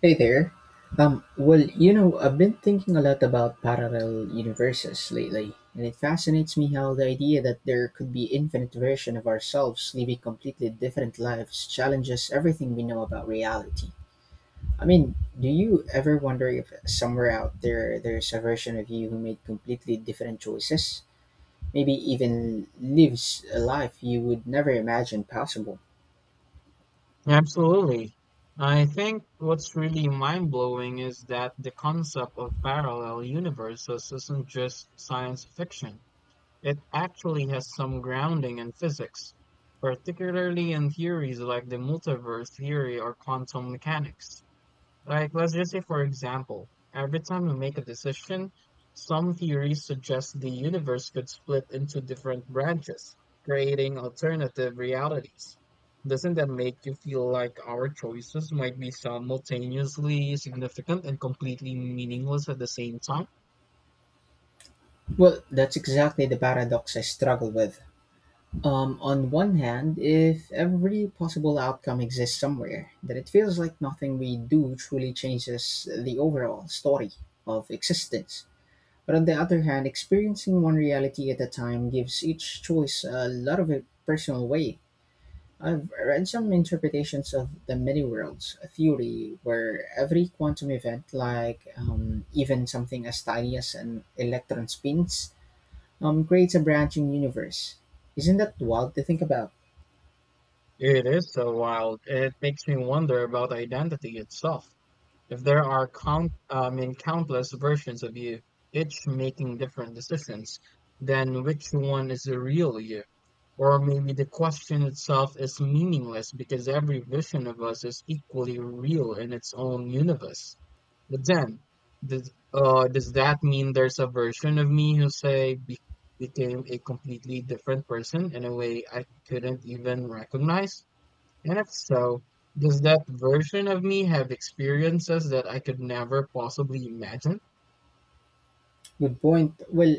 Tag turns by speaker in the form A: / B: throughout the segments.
A: Hey there. I've been thinking a lot about parallel universes lately, and it fascinates me how the idea that there could be infinite version of ourselves living completely different lives challenges everything we know about reality. I mean, do you ever wonder if somewhere out there there's a version of you who made completely different choices? Maybe even lives a life you would never imagine possible.
B: Absolutely. I think what's really mind-blowing is that the concept of parallel universes isn't just science fiction. It actually has some grounding in physics, particularly in theories like the multiverse theory or quantum mechanics. Like, let's just say, for example, every time we make a decision, some theories suggest the universe could split into different branches, creating alternative realities. Doesn't that make you feel like our choices might be simultaneously significant and completely meaningless at the same time?
A: Well, that's exactly the paradox I struggle with. On one hand, if every possible outcome exists somewhere, then it feels like nothing we do truly changes the overall story of existence. But on the other hand, experiencing one reality at a time gives each choice a lot of a personal weight. I've read some interpretations of the many worlds theory, where every quantum event, like even something as tiny as an electron spins, creates a branching universe. Isn't that wild to think about?
B: It is so wild. It makes me wonder about identity itself. If there are count, I mean, countless versions of you, each making different decisions, then which one is the real you? Or maybe the question itself is meaningless because every vision of us is equally real in its own universe. But then, does that mean there's a version of me who, became a completely different person in a way I couldn't even recognize? And if so, does that version of me have experiences that I could never possibly imagine?
A: Good point. Well,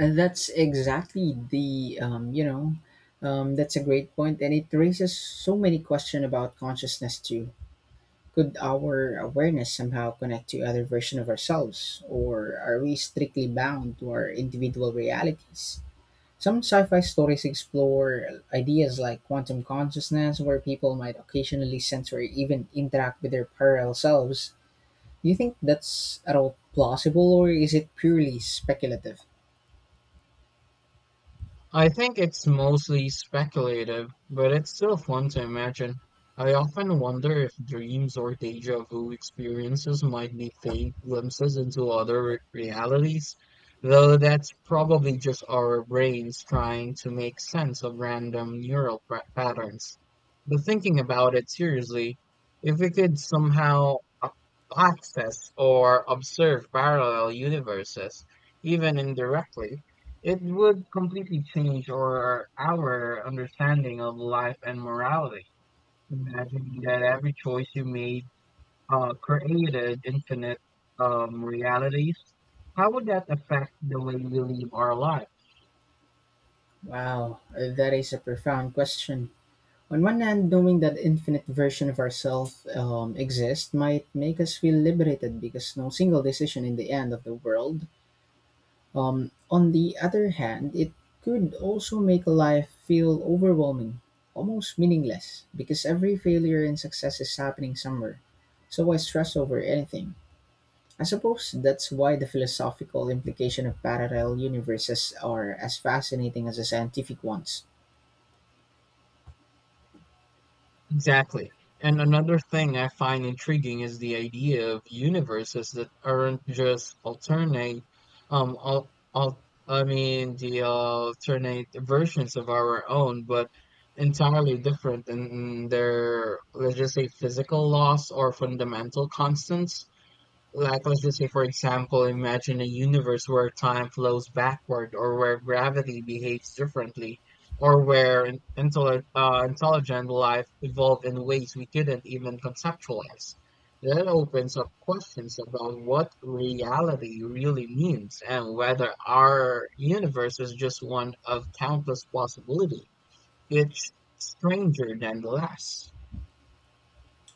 A: that's exactly the you know That's a great point, and it raises so many questions about consciousness too. Could our awareness somehow connect to other version of ourselves, or are we strictly bound to our individual realities? Some sci-fi stories explore ideas like quantum consciousness, where people might occasionally sense or even interact with their parallel selves. Do you think that's at all plausible, or is it purely speculative?
B: I think it's mostly speculative, but it's still fun to imagine. I often wonder if dreams or deja vu experiences might be faint glimpses into other realities, though that's probably just our brains trying to make sense of random neural patterns. But thinking about it seriously, if we could somehow a- access or observe parallel universes, even indirectly, it would completely change our understanding of life and morality. Imagine that every choice you made created infinite realities. How would that affect the way we live our lives?
A: Wow, that is a profound question. On one hand, knowing that infinite version of ourselves exists might make us feel liberated because no single decision in the end of the world. On the other hand, it could also make life feel overwhelming, almost meaningless, because every failure and success is happening somewhere. So why stress over anything? I suppose that's why the philosophical implication of parallel universes are as fascinating as the scientific ones.
B: Exactly. And another thing I find intriguing is the idea of universes that aren't just alternate, the alternate versions of our own, but entirely different in their, let's just say, physical laws or fundamental constants. Like, let's just say, for example, imagine a universe where time flows backward, or where gravity behaves differently, or where intelligent life evolved in ways we couldn't even conceptualize. That opens up questions about what reality really means and whether our universe is just one of countless possibilities, each stranger than the last.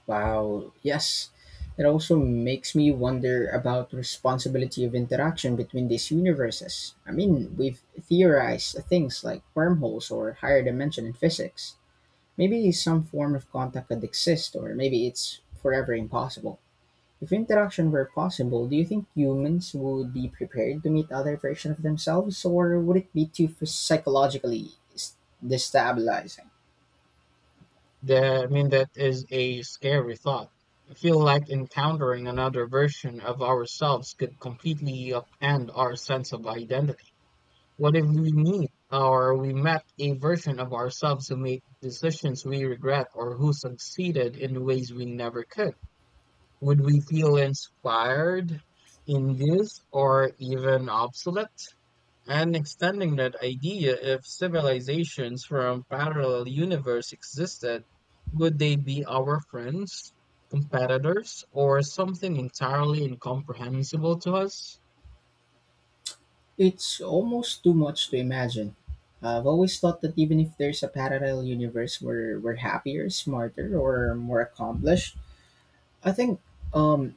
A: Wow, yes. It also makes me wonder about responsibility of interaction between these universes. I mean, we've theorized things like wormholes or higher dimension in physics. Maybe some form of contact could exist, or maybe it's forever impossible. If interaction were possible, do you think humans would be prepared to meet other versions of themselves, or would it be too psychologically destabilizing?
B: That is a scary thought. I feel like encountering another version of ourselves could completely upend our sense of identity. What if we meet or we met a version of ourselves who made decisions we regret or who succeeded in ways we never could? Would we feel inspired, induced, or even obsolete? And extending that idea, if civilizations from parallel universe existed, would they be our friends, competitors, or something entirely incomprehensible to us?
A: It's almost too much to imagine. I've always thought that even if there's a parallel universe where we're happier, smarter, or more accomplished, I think um,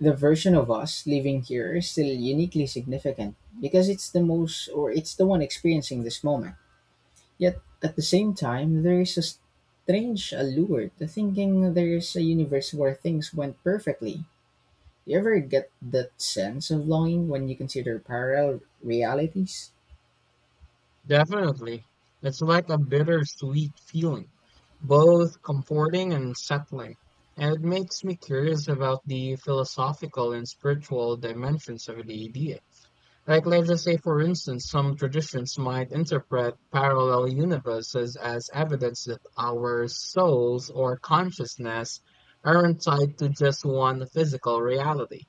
A: the version of us living here is still uniquely significant because it's the most, or it's the one experiencing this moment. Yet at the same time, there is a strange allure to thinking there's a universe where things went perfectly. Do you ever get that sense of longing when you consider parallel realities?
B: Definitely. It's like a bittersweet feeling, both comforting and unsettling. And it makes me curious about the philosophical and spiritual dimensions of the idea. Like let's just say for instance, some traditions might interpret parallel universes as evidence that our souls or consciousness aren't tied to just one physical reality.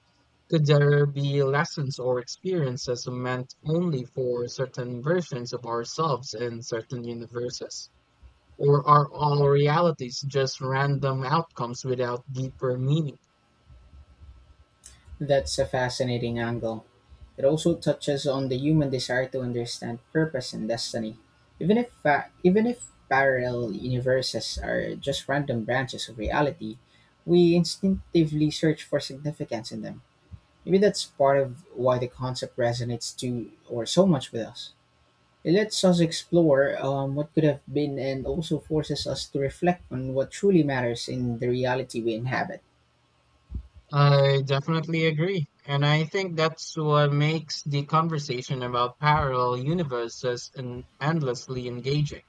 B: Could there be lessons or experiences meant only for certain versions of ourselves in certain universes? Or are all realities just random outcomes without deeper meaning?
A: That's a fascinating angle. It also touches on the human desire to understand purpose and destiny, even if parallel universes are just random branches of reality. We instinctively search for significance in them. Maybe that's part of why the concept resonates to or so much with us. It lets us explore what could have been and also forces us to reflect on what truly matters in the reality we inhabit.
B: I definitely agree. And I think that's what makes the conversation about parallel universes endlessly engaging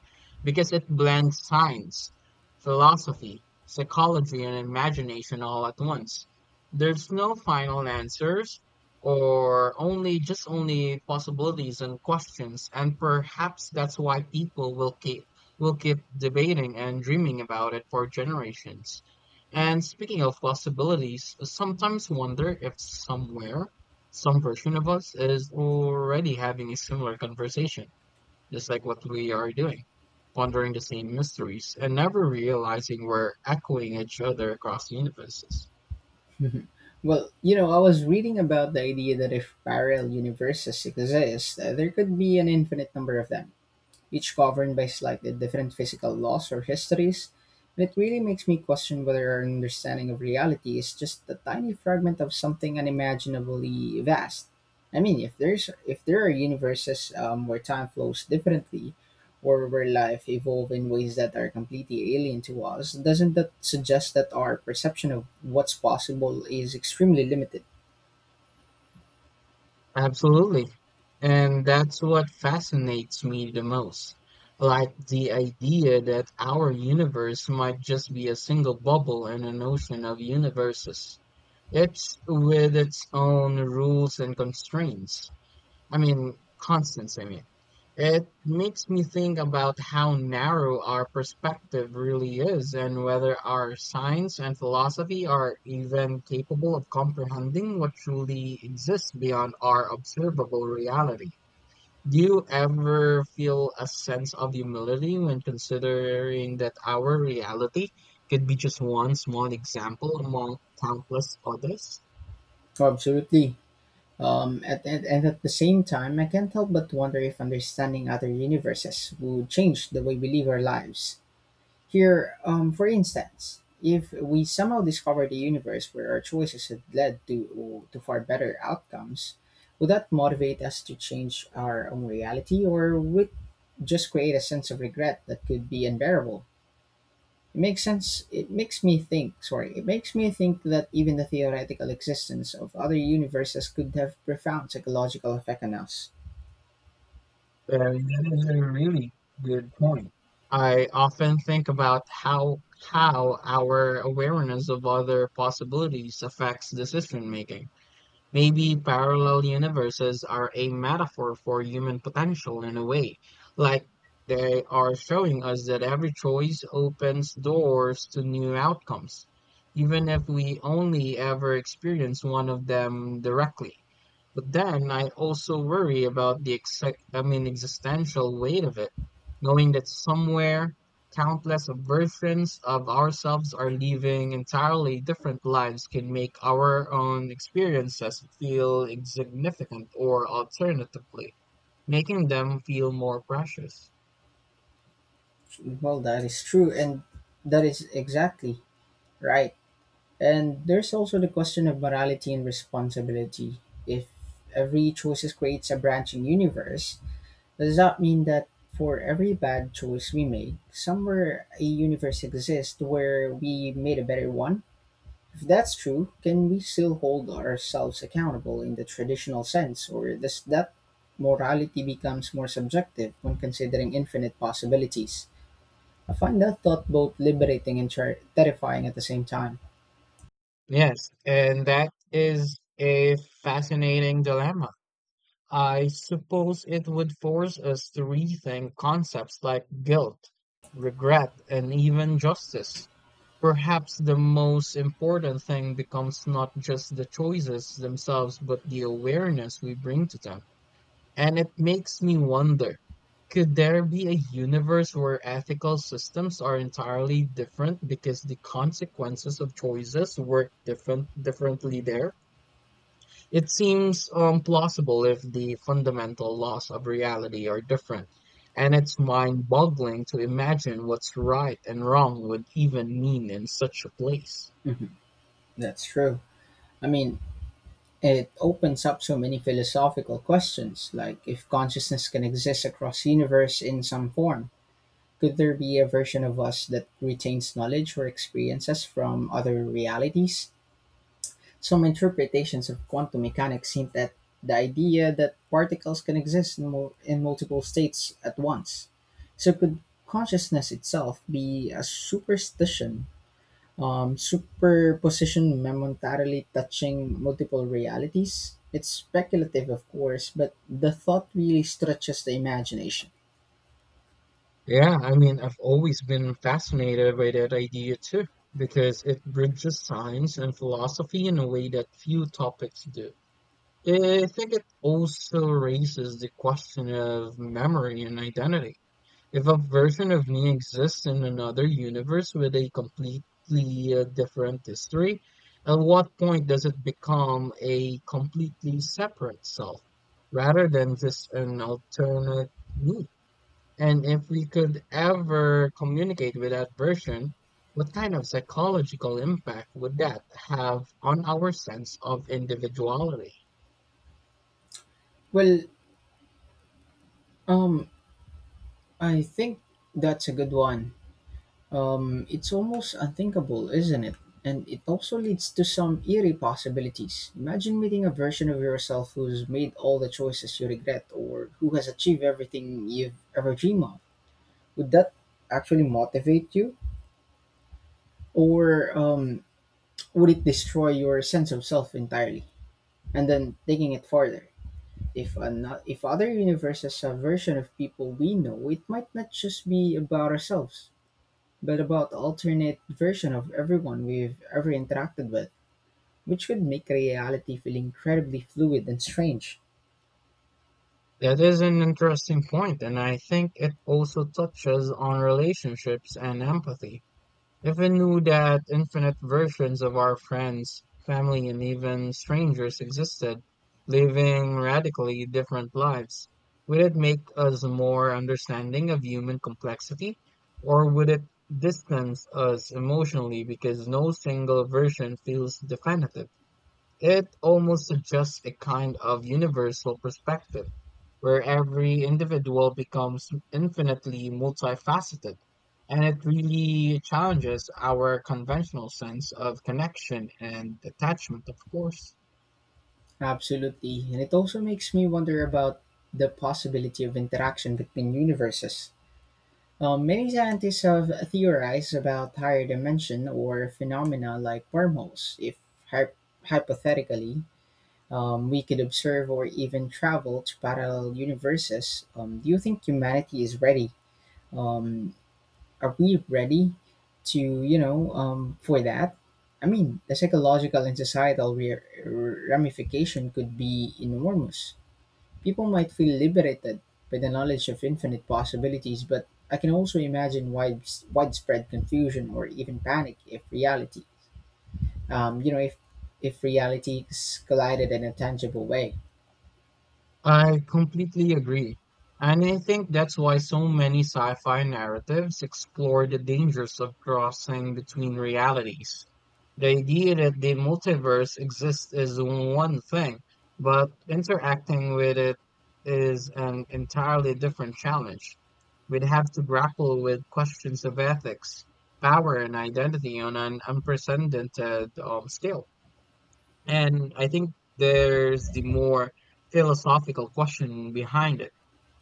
B: because it blends science, philosophy, psychology, and imagination all at once. There's no final answers or only just only possibilities and questions. And perhaps that's why people will keep debating and dreaming about it for generations. And speaking of possibilities, I sometimes wonder if somewhere, some version of us is already having a similar conversation, just like what we are doing, pondering the same mysteries and never realizing we're echoing each other across universes.
A: Mhm. I was reading about the idea that if parallel universes exist, there could be an infinite number of them each governed by slightly different physical laws or histories, and it really makes me question whether our understanding of reality is just a tiny fragment of something unimaginably vast. I mean, if there are universes where time flows differently, or where life evolves in ways that are completely alien to us, doesn't that suggest that our perception of what's possible is extremely limited?
B: Absolutely. And that's what fascinates me the most. Like the idea that our universe might just be a single bubble in an ocean of universes. It's with its own rules and constraints. I mean, constants, I mean. It makes me think about how narrow our perspective really is and whether our science and philosophy are even capable of comprehending what truly exists beyond our observable reality. Do you ever feel a sense of humility when considering that our reality could be just one small example among countless others?
A: Absolutely. At the same time, I can't help but wonder if understanding other universes would change the way we live our lives. Here, for instance, if we somehow discovered a universe where our choices had led to far better outcomes, would that motivate us to change our own reality or would it just create a sense of regret that could be unbearable? It makes sense. It makes me think that even the theoretical existence of other universes could have profound psychological effect on us.
B: That is a really good point. I often think about how our awareness of other possibilities affects decision making. Maybe parallel universes are a metaphor for human potential in a way, like they are showing us that every choice opens doors to new outcomes, even if we only ever experience one of them directly. But then I also worry about the existential weight of it, knowing that somewhere countless versions of ourselves are living entirely different lives can make our own experiences feel insignificant or alternatively, making them feel more precious.
A: Well, that is true, and that is exactly right. And there's also the question of morality and responsibility. If every choice creates a branching universe, does that mean that for every bad choice we make, somewhere a universe exists where we made a better one? If that's true, can we still hold ourselves accountable in the traditional sense, or does that morality becomes more subjective when considering infinite possibilities? I find that thought both liberating and terrifying at the same time.
B: Yes, and that is a fascinating dilemma. I suppose it would force us to rethink concepts like guilt, regret, and even justice. Perhaps the most important thing becomes not just the choices themselves, but the awareness we bring to them. And it makes me wonder, could there be a universe where ethical systems are entirely different because the consequences of choices work differently there? It seems plausible if the fundamental laws of reality are different, and it's mind-boggling to imagine what's right and wrong would even mean in such a place.
A: Mhm, that's true. I mean, it opens up so many philosophical questions, like if consciousness can exist across universe in some form, could there be a version of us that retains knowledge or experiences from other realities? Some interpretations of quantum mechanics hint at the idea that particles can exist in multiple states at once. So, could consciousness itself be a superstition, superposition momentarily touching multiple realities? It's speculative, of course, but the thought really stretches the imagination.
B: Yeah, I mean, I've always been fascinated by that idea too, because it bridges science and philosophy in a way that few topics do. I think it also raises the question of memory and identity. If a version of me exists in another universe with a completely different history, at what point does it become a completely separate self rather than just an alternate me? And if we could ever communicate with that version, what kind of psychological impact would that have on our sense of individuality?
A: Well, um, I think that's a good one. It's almost unthinkable, isn't it? And it also leads to some eerie possibilities. Imagine meeting a version of yourself who's made all the choices you regret or who has achieved everything you've ever dreamed of. Would that actually motivate you? Or would it destroy your sense of self entirely? And then taking it further, if other universes have version of people we know, it might not just be about ourselves. But about alternate version of everyone we've ever interacted with, which could make reality feel incredibly fluid and strange.
B: That is an interesting point, and I think it also touches on relationships and empathy. If we knew that infinite versions of our friends, family and even strangers existed, living radically different lives. Would it make us more understanding of human complexity, or would it distance us emotionally because no single version feels definitive? It almost suggests a kind of universal perspective, where every individual becomes infinitely multifaceted, and it really challenges our conventional sense of connection and attachment, of course.
A: Absolutely, and it also makes me wonder about the possibility of interaction between universes. Many scientists have theorized about higher dimension or phenomena like wormholes. If hy- hypothetically we could observe or even travel to parallel universes, do you think humanity is ready? Um, Are we ready for that? I mean, the psychological and societal ramification could be enormous. People might feel liberated by the knowledge of infinite possibilities, but I can also imagine widespread confusion or even panic if um, you know, if if realities collided in a tangible way.
B: I completely agree. And I think that's why so many sci fi narratives explore the dangers of crossing between realities. The idea that the multiverse exists is one thing, but interacting with it is an entirely different challenge. We'd have to grapple with questions of ethics, power, and identity on an unprecedented scale. And I think there's the more philosophical question behind it.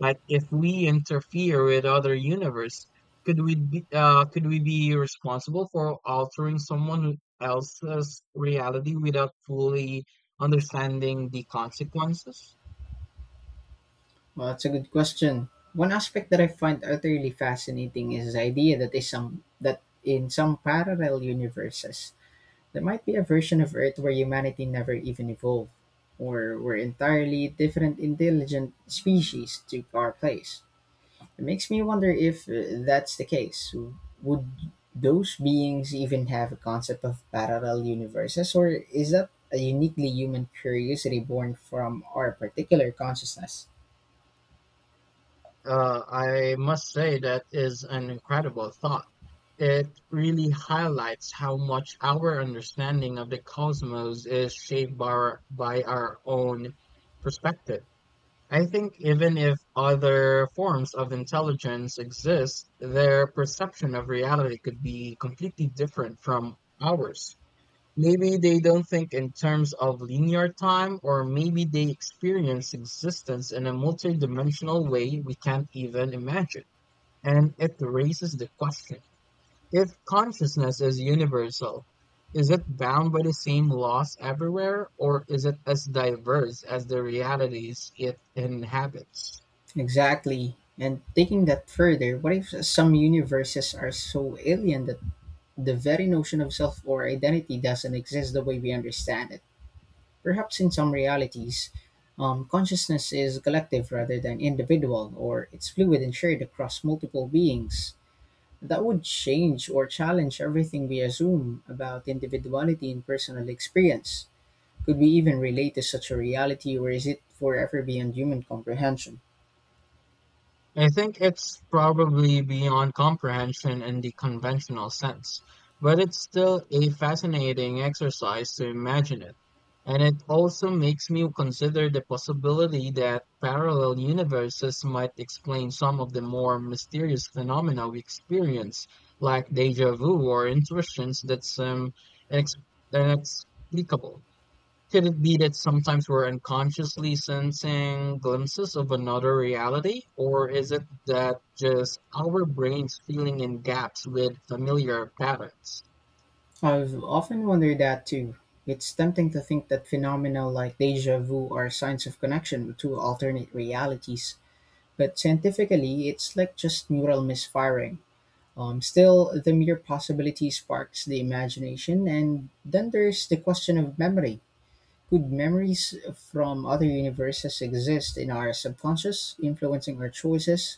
B: Like, if we interfere with other universe, could we be responsible for altering someone else's reality without fully understanding the consequences?
A: Well, that's a good question. One aspect that I find utterly fascinating is the idea that is some that in some parallel universes, there might be a version of Earth where humanity never even evolved, or where entirely different intelligent species took our place. It makes me wonder if that's the case. Would those beings even have a concept of parallel universes, or is that a uniquely human curiosity born from our particular consciousness?
B: I must say that is an incredible thought. It really highlights how much our understanding of the cosmos is shaped by our own perspective. I think even if other forms of intelligence exist, their perception of reality could be completely different from ours. Maybe they don't think in terms of linear time, or maybe they experience existence in a multidimensional way we can't even imagine. And it raises the question, if consciousness is universal, is it bound by the same laws everywhere, or is it as diverse as the realities it inhabits?
A: Exactly. And taking that further, what if some universes are so alien that the very notion of self or identity doesn't exist the way we understand it? Perhaps in some realities, consciousness is collective rather than individual, or it's fluid and shared across multiple beings. That would change or challenge everything we assume about individuality and personal experience. Could we even relate to such a reality, or is it forever beyond human comprehension?
B: I think it's probably beyond comprehension in the conventional sense, but it's still a fascinating exercise to imagine it. And it also makes me consider the possibility that parallel universes might explain some of the more mysterious phenomena we experience, like deja vu or intuitions that seem inex- inexplicable. Could it be that sometimes we're unconsciously sensing glimpses of another reality? Or is it that just our brains filling in gaps with familiar patterns?
A: I've often wondered that too. It's tempting to think that phenomena like deja vu are signs of connection to alternate realities, but scientifically, it's like just neural misfiring. Still, the mere possibility sparks the imagination, and then there's the question of memory. Could memories from other universes exist in our subconscious, influencing our choices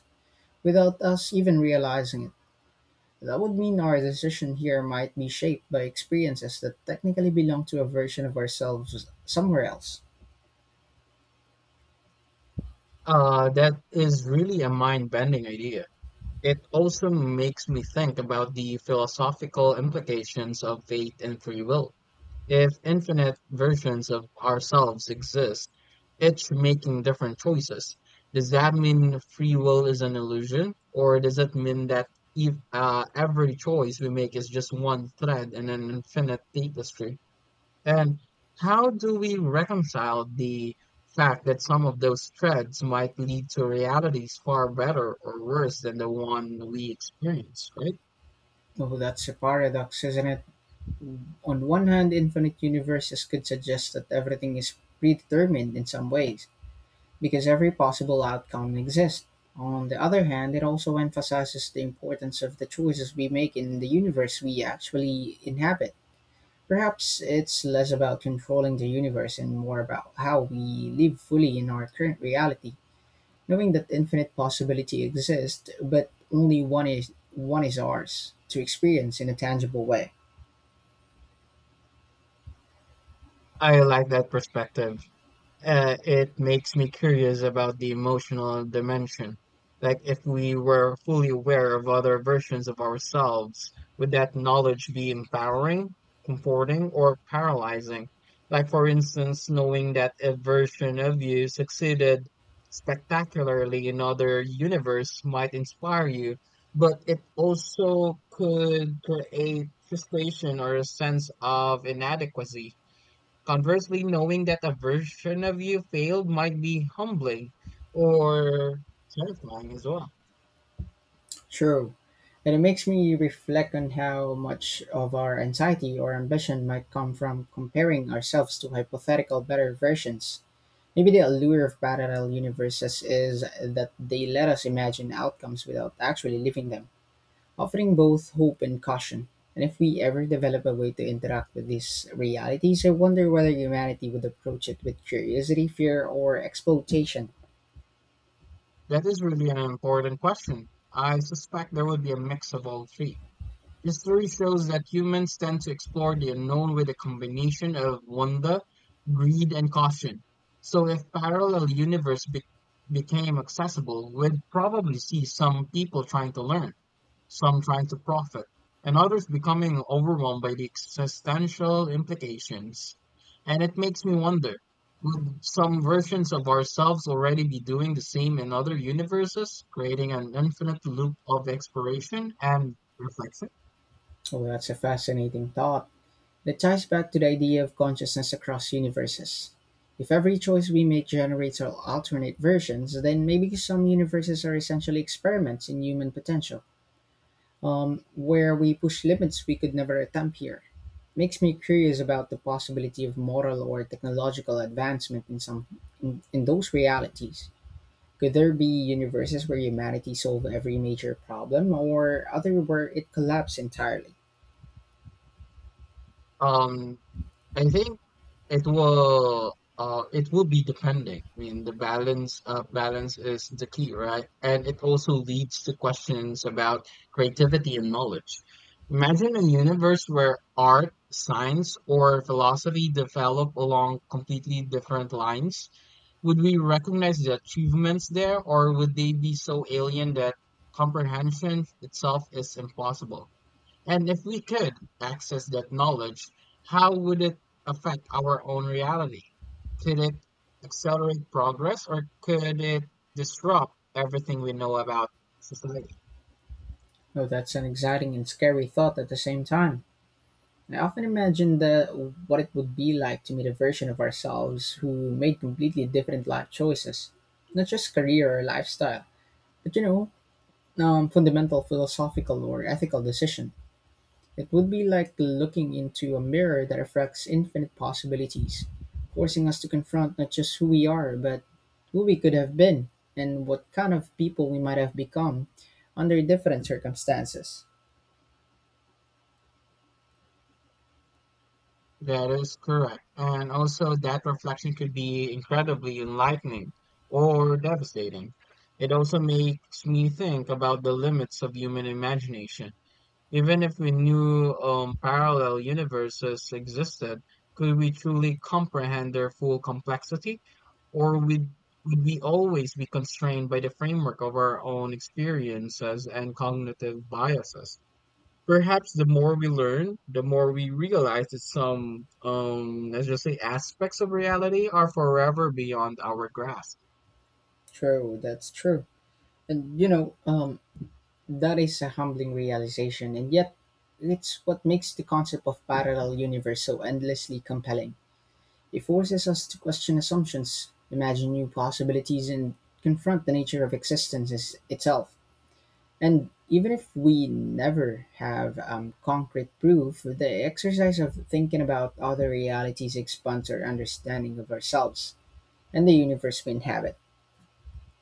A: without us even realizing it? That would mean our decision here might be shaped by experiences that technically belong to a version of ourselves somewhere else.
B: That is really a mind bending idea. It also makes me think about the philosophical implications of fate and free will. If infinite versions of ourselves exist, each making different choices, does that mean free will is an illusion? Or does it mean that if, every choice we make is just one thread in an infinite tapestry? And how do we reconcile the fact that some of those threads might lead to realities far better or worse than the one we experience, right?
A: Oh, that's a paradox, isn't it? On one hand, infinite universes could suggest that everything is predetermined in some ways, because every possible outcome exists. On the other hand, it also emphasizes the importance of the choices we make in the universe we actually inhabit. Perhaps it's less about controlling the universe and more about how we live fully in our current reality. Knowing that infinite possibility exists, but only one is ours to experience in a tangible way.
B: I like that perspective. It makes me curious about the emotional dimension. Like, if we were fully aware of other versions of ourselves, would that knowledge be empowering, comforting, or paralyzing? Like, for instance, knowing that a version of you succeeded spectacularly in other universe might inspire you, but it also could create frustration or a sense of inadequacy. Conversely, knowing that a version of you failed might be humbling or terrifying as well.
A: True. And it makes me reflect on how much of our anxiety or ambition might come from comparing ourselves to hypothetical better versions. Maybe the allure of parallel universes is that they let us imagine outcomes without actually living them, offering both hope and caution. And if we ever develop a way to interact with these realities, I wonder whether humanity would approach it with curiosity, fear, or exploitation.
B: That is really an important question. I suspect there would be a mix of all three. History shows that humans tend to explore the unknown with a combination of wonder, greed, and caution. So, if became accessible, we'd probably see some people trying to learn, some trying to profit, and others becoming overwhelmed by the existential implications. And it makes me wonder, would some versions of ourselves already be doing the same in other universes, creating an infinite loop of exploration and reflection?
A: Oh, that's a fascinating thought that ties back to the idea of consciousness across universes. If every choice we make generates alternate versions, then maybe some universes are essentially experiments in human potential, where we push limits we could never attempt here. Makes me curious about the possibility of moral or technological advancement in some in those realities. Could there be universes where humanity solved every major problem or other where it collapsed entirely?
B: Um, I think it will, it will be depending. I mean, the balance, balance is the key, right? And it also leads to questions about creativity and knowledge. Imagine a universe where art, science, or philosophy develop along completely different lines. Would we recognize the achievements there, or would they be so alien that comprehension itself is impossible? And if we could access that knowledge, how would it affect our own reality? Could it accelerate progress, or could it disrupt everything we know about society?
A: No, that's an exciting and scary thought at the same time. I often imagine the what it would be like to meet a version of ourselves who made completely different life choices, not just career or lifestyle, but fundamental philosophical or ethical decisions. It would be like looking into a mirror that reflects infinite possibilities, forcing us to confront not just who we are, but who we could have been and what kind of people we might have become under different circumstances.
B: That is correct. And also, that reflection could be incredibly enlightening or devastating. It also makes me think about the limits of human imagination. Even if we knew parallel universes existed, could we truly comprehend their full complexity? Or would, would we always be constrained by the framework of our own experiences and cognitive biases? Perhaps the more we learn, the more we realize that some, let's just say, aspects of reality are forever beyond our grasp.
A: True, that's true. And you know, um, that is a humbling realization, and yet it's what makes the concept of parallel universe so endlessly compelling. It forces us to question assumptions, imagine new possibilities, and confront the nature of itself. And even if we never have concrete proof, the exercise of thinking about other realities expands our understanding of ourselves and the universe we inhabit.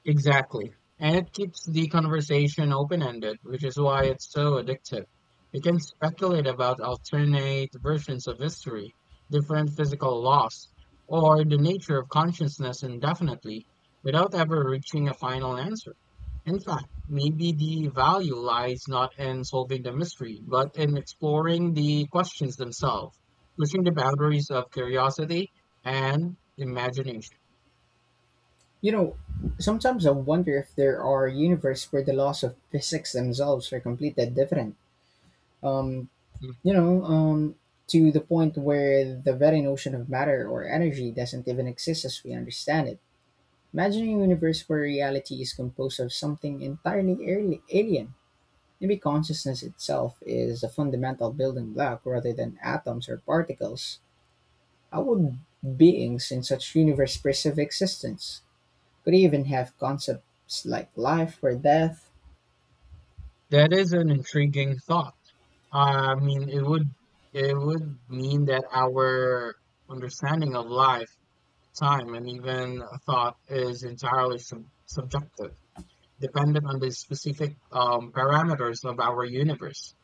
B: Exactly. And it keeps the conversation open-ended, which is why it's so addictive. You can speculate about alternate versions of history, different physical laws, or the nature of consciousness indefinitely without ever reaching a final answer. In fact, maybe the value lies not in solving the mystery, but in exploring the questions themselves, pushing the boundaries of curiosity and imagination.
A: You know, sometimes I wonder if there are universes where the laws of physics themselves are completely different. Um,
B: Hmm.
A: you know, um, to the point where the very notion of matter or energy doesn't even exist as we understand it. Imagine a universe where reality is composed of something entirely alien. Maybe consciousness itself is a fundamental building block rather than atoms or particles. How would beings in such universe perceive existence? Could they even have concepts like life or death?
B: That is an intriguing thought. I mean, it would mean that our understanding of life, time, and even thought is entirely subjective, dependent on the specific parameters of our universe.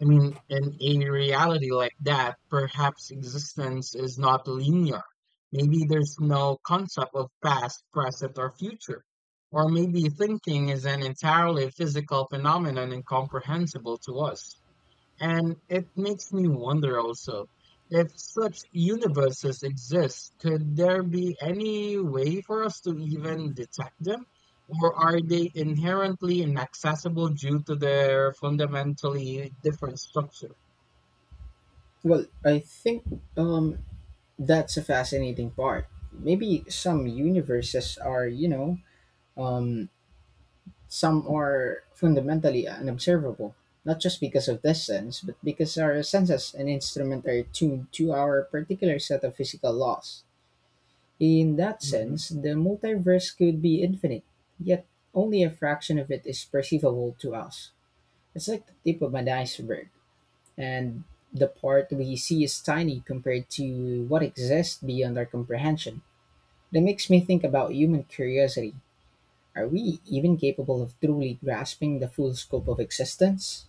B: I mean, in a reality like that, perhaps existence is not linear. Maybe there's no concept of past, present, or future. Or maybe thinking is an entirely physical phenomenon incomprehensible to us. And it makes me wonder also, if such universes exist, could there be any way for us to even detect them? Or are they inherently inaccessible due to their fundamentally different structure?
A: I think um, that's a fascinating part. Maybe some universes are, um, some are fundamentally unobservable, not just because of distance, but because our senses and instruments are tuned to our particular set of physical laws. In that
B: Mhm.
A: sense, the multiverse could be infinite, yet only a fraction of it is perceivable to us. It's like the tip of an iceberg, and the part we see is tiny compared to what exists beyond our comprehension. That makes me think about human curiosity. Are we even capable of truly grasping the full scope of existence?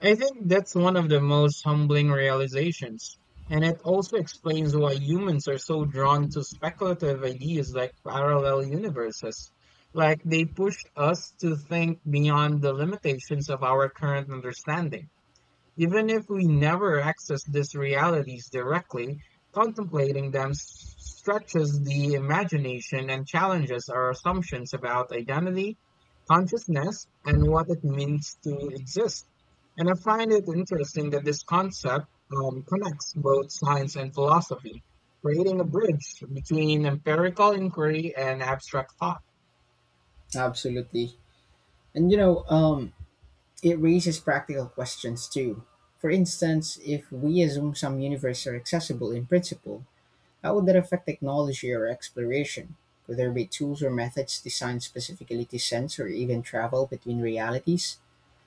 B: I think that's one of the most humbling realizations. And it also explains why humans are so drawn to speculative ideas like parallel universes. Like, they push us to think beyond the limitations of our current understanding. Even if we never access these realities directly, contemplating them s- stretches the imagination and challenges our assumptions about identity, consciousness, and what it means to exist. And I find it interesting that this concept connects both science and philosophy, creating a bridge between empirical inquiry and abstract thought.
A: Absolutely. And you know, um, it raises practical questions too. For instance, if we assume some universe are accessible in principle, how would that affect technology or exploration? Could there be tools or methods designed specifically to sense or even travel between realities?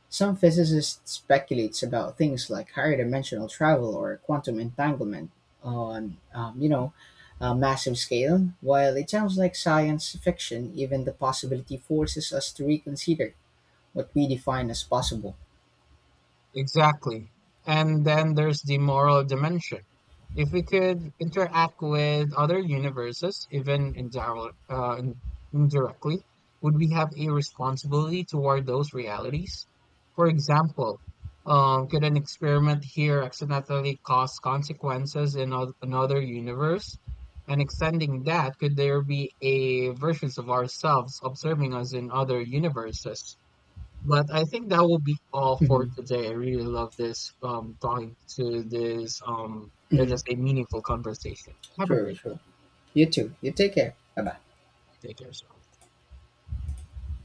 A: Some physicists speculate about things like higher dimensional travel or quantum entanglement on, um, you know, a massive scale. While it sounds like science fiction, even the possibility forces us to reconsider what we define as possible.
B: Exactly. And then there's the moral dimension. If we could interact with other universes, even indirectly, would we have a responsibility toward those realities? For example, could an experiment here accidentally cause consequences in another universe? And extending that, could there be a versions of ourselves observing us in other universes? But I think that will be all for
A: Hmm.
B: today. I really love this talking to this are
A: Hmm.
B: just a meaningful conversation. Have a
A: True,
B: great
A: true. You too. You take care. Bye bye.
B: day, take care, so.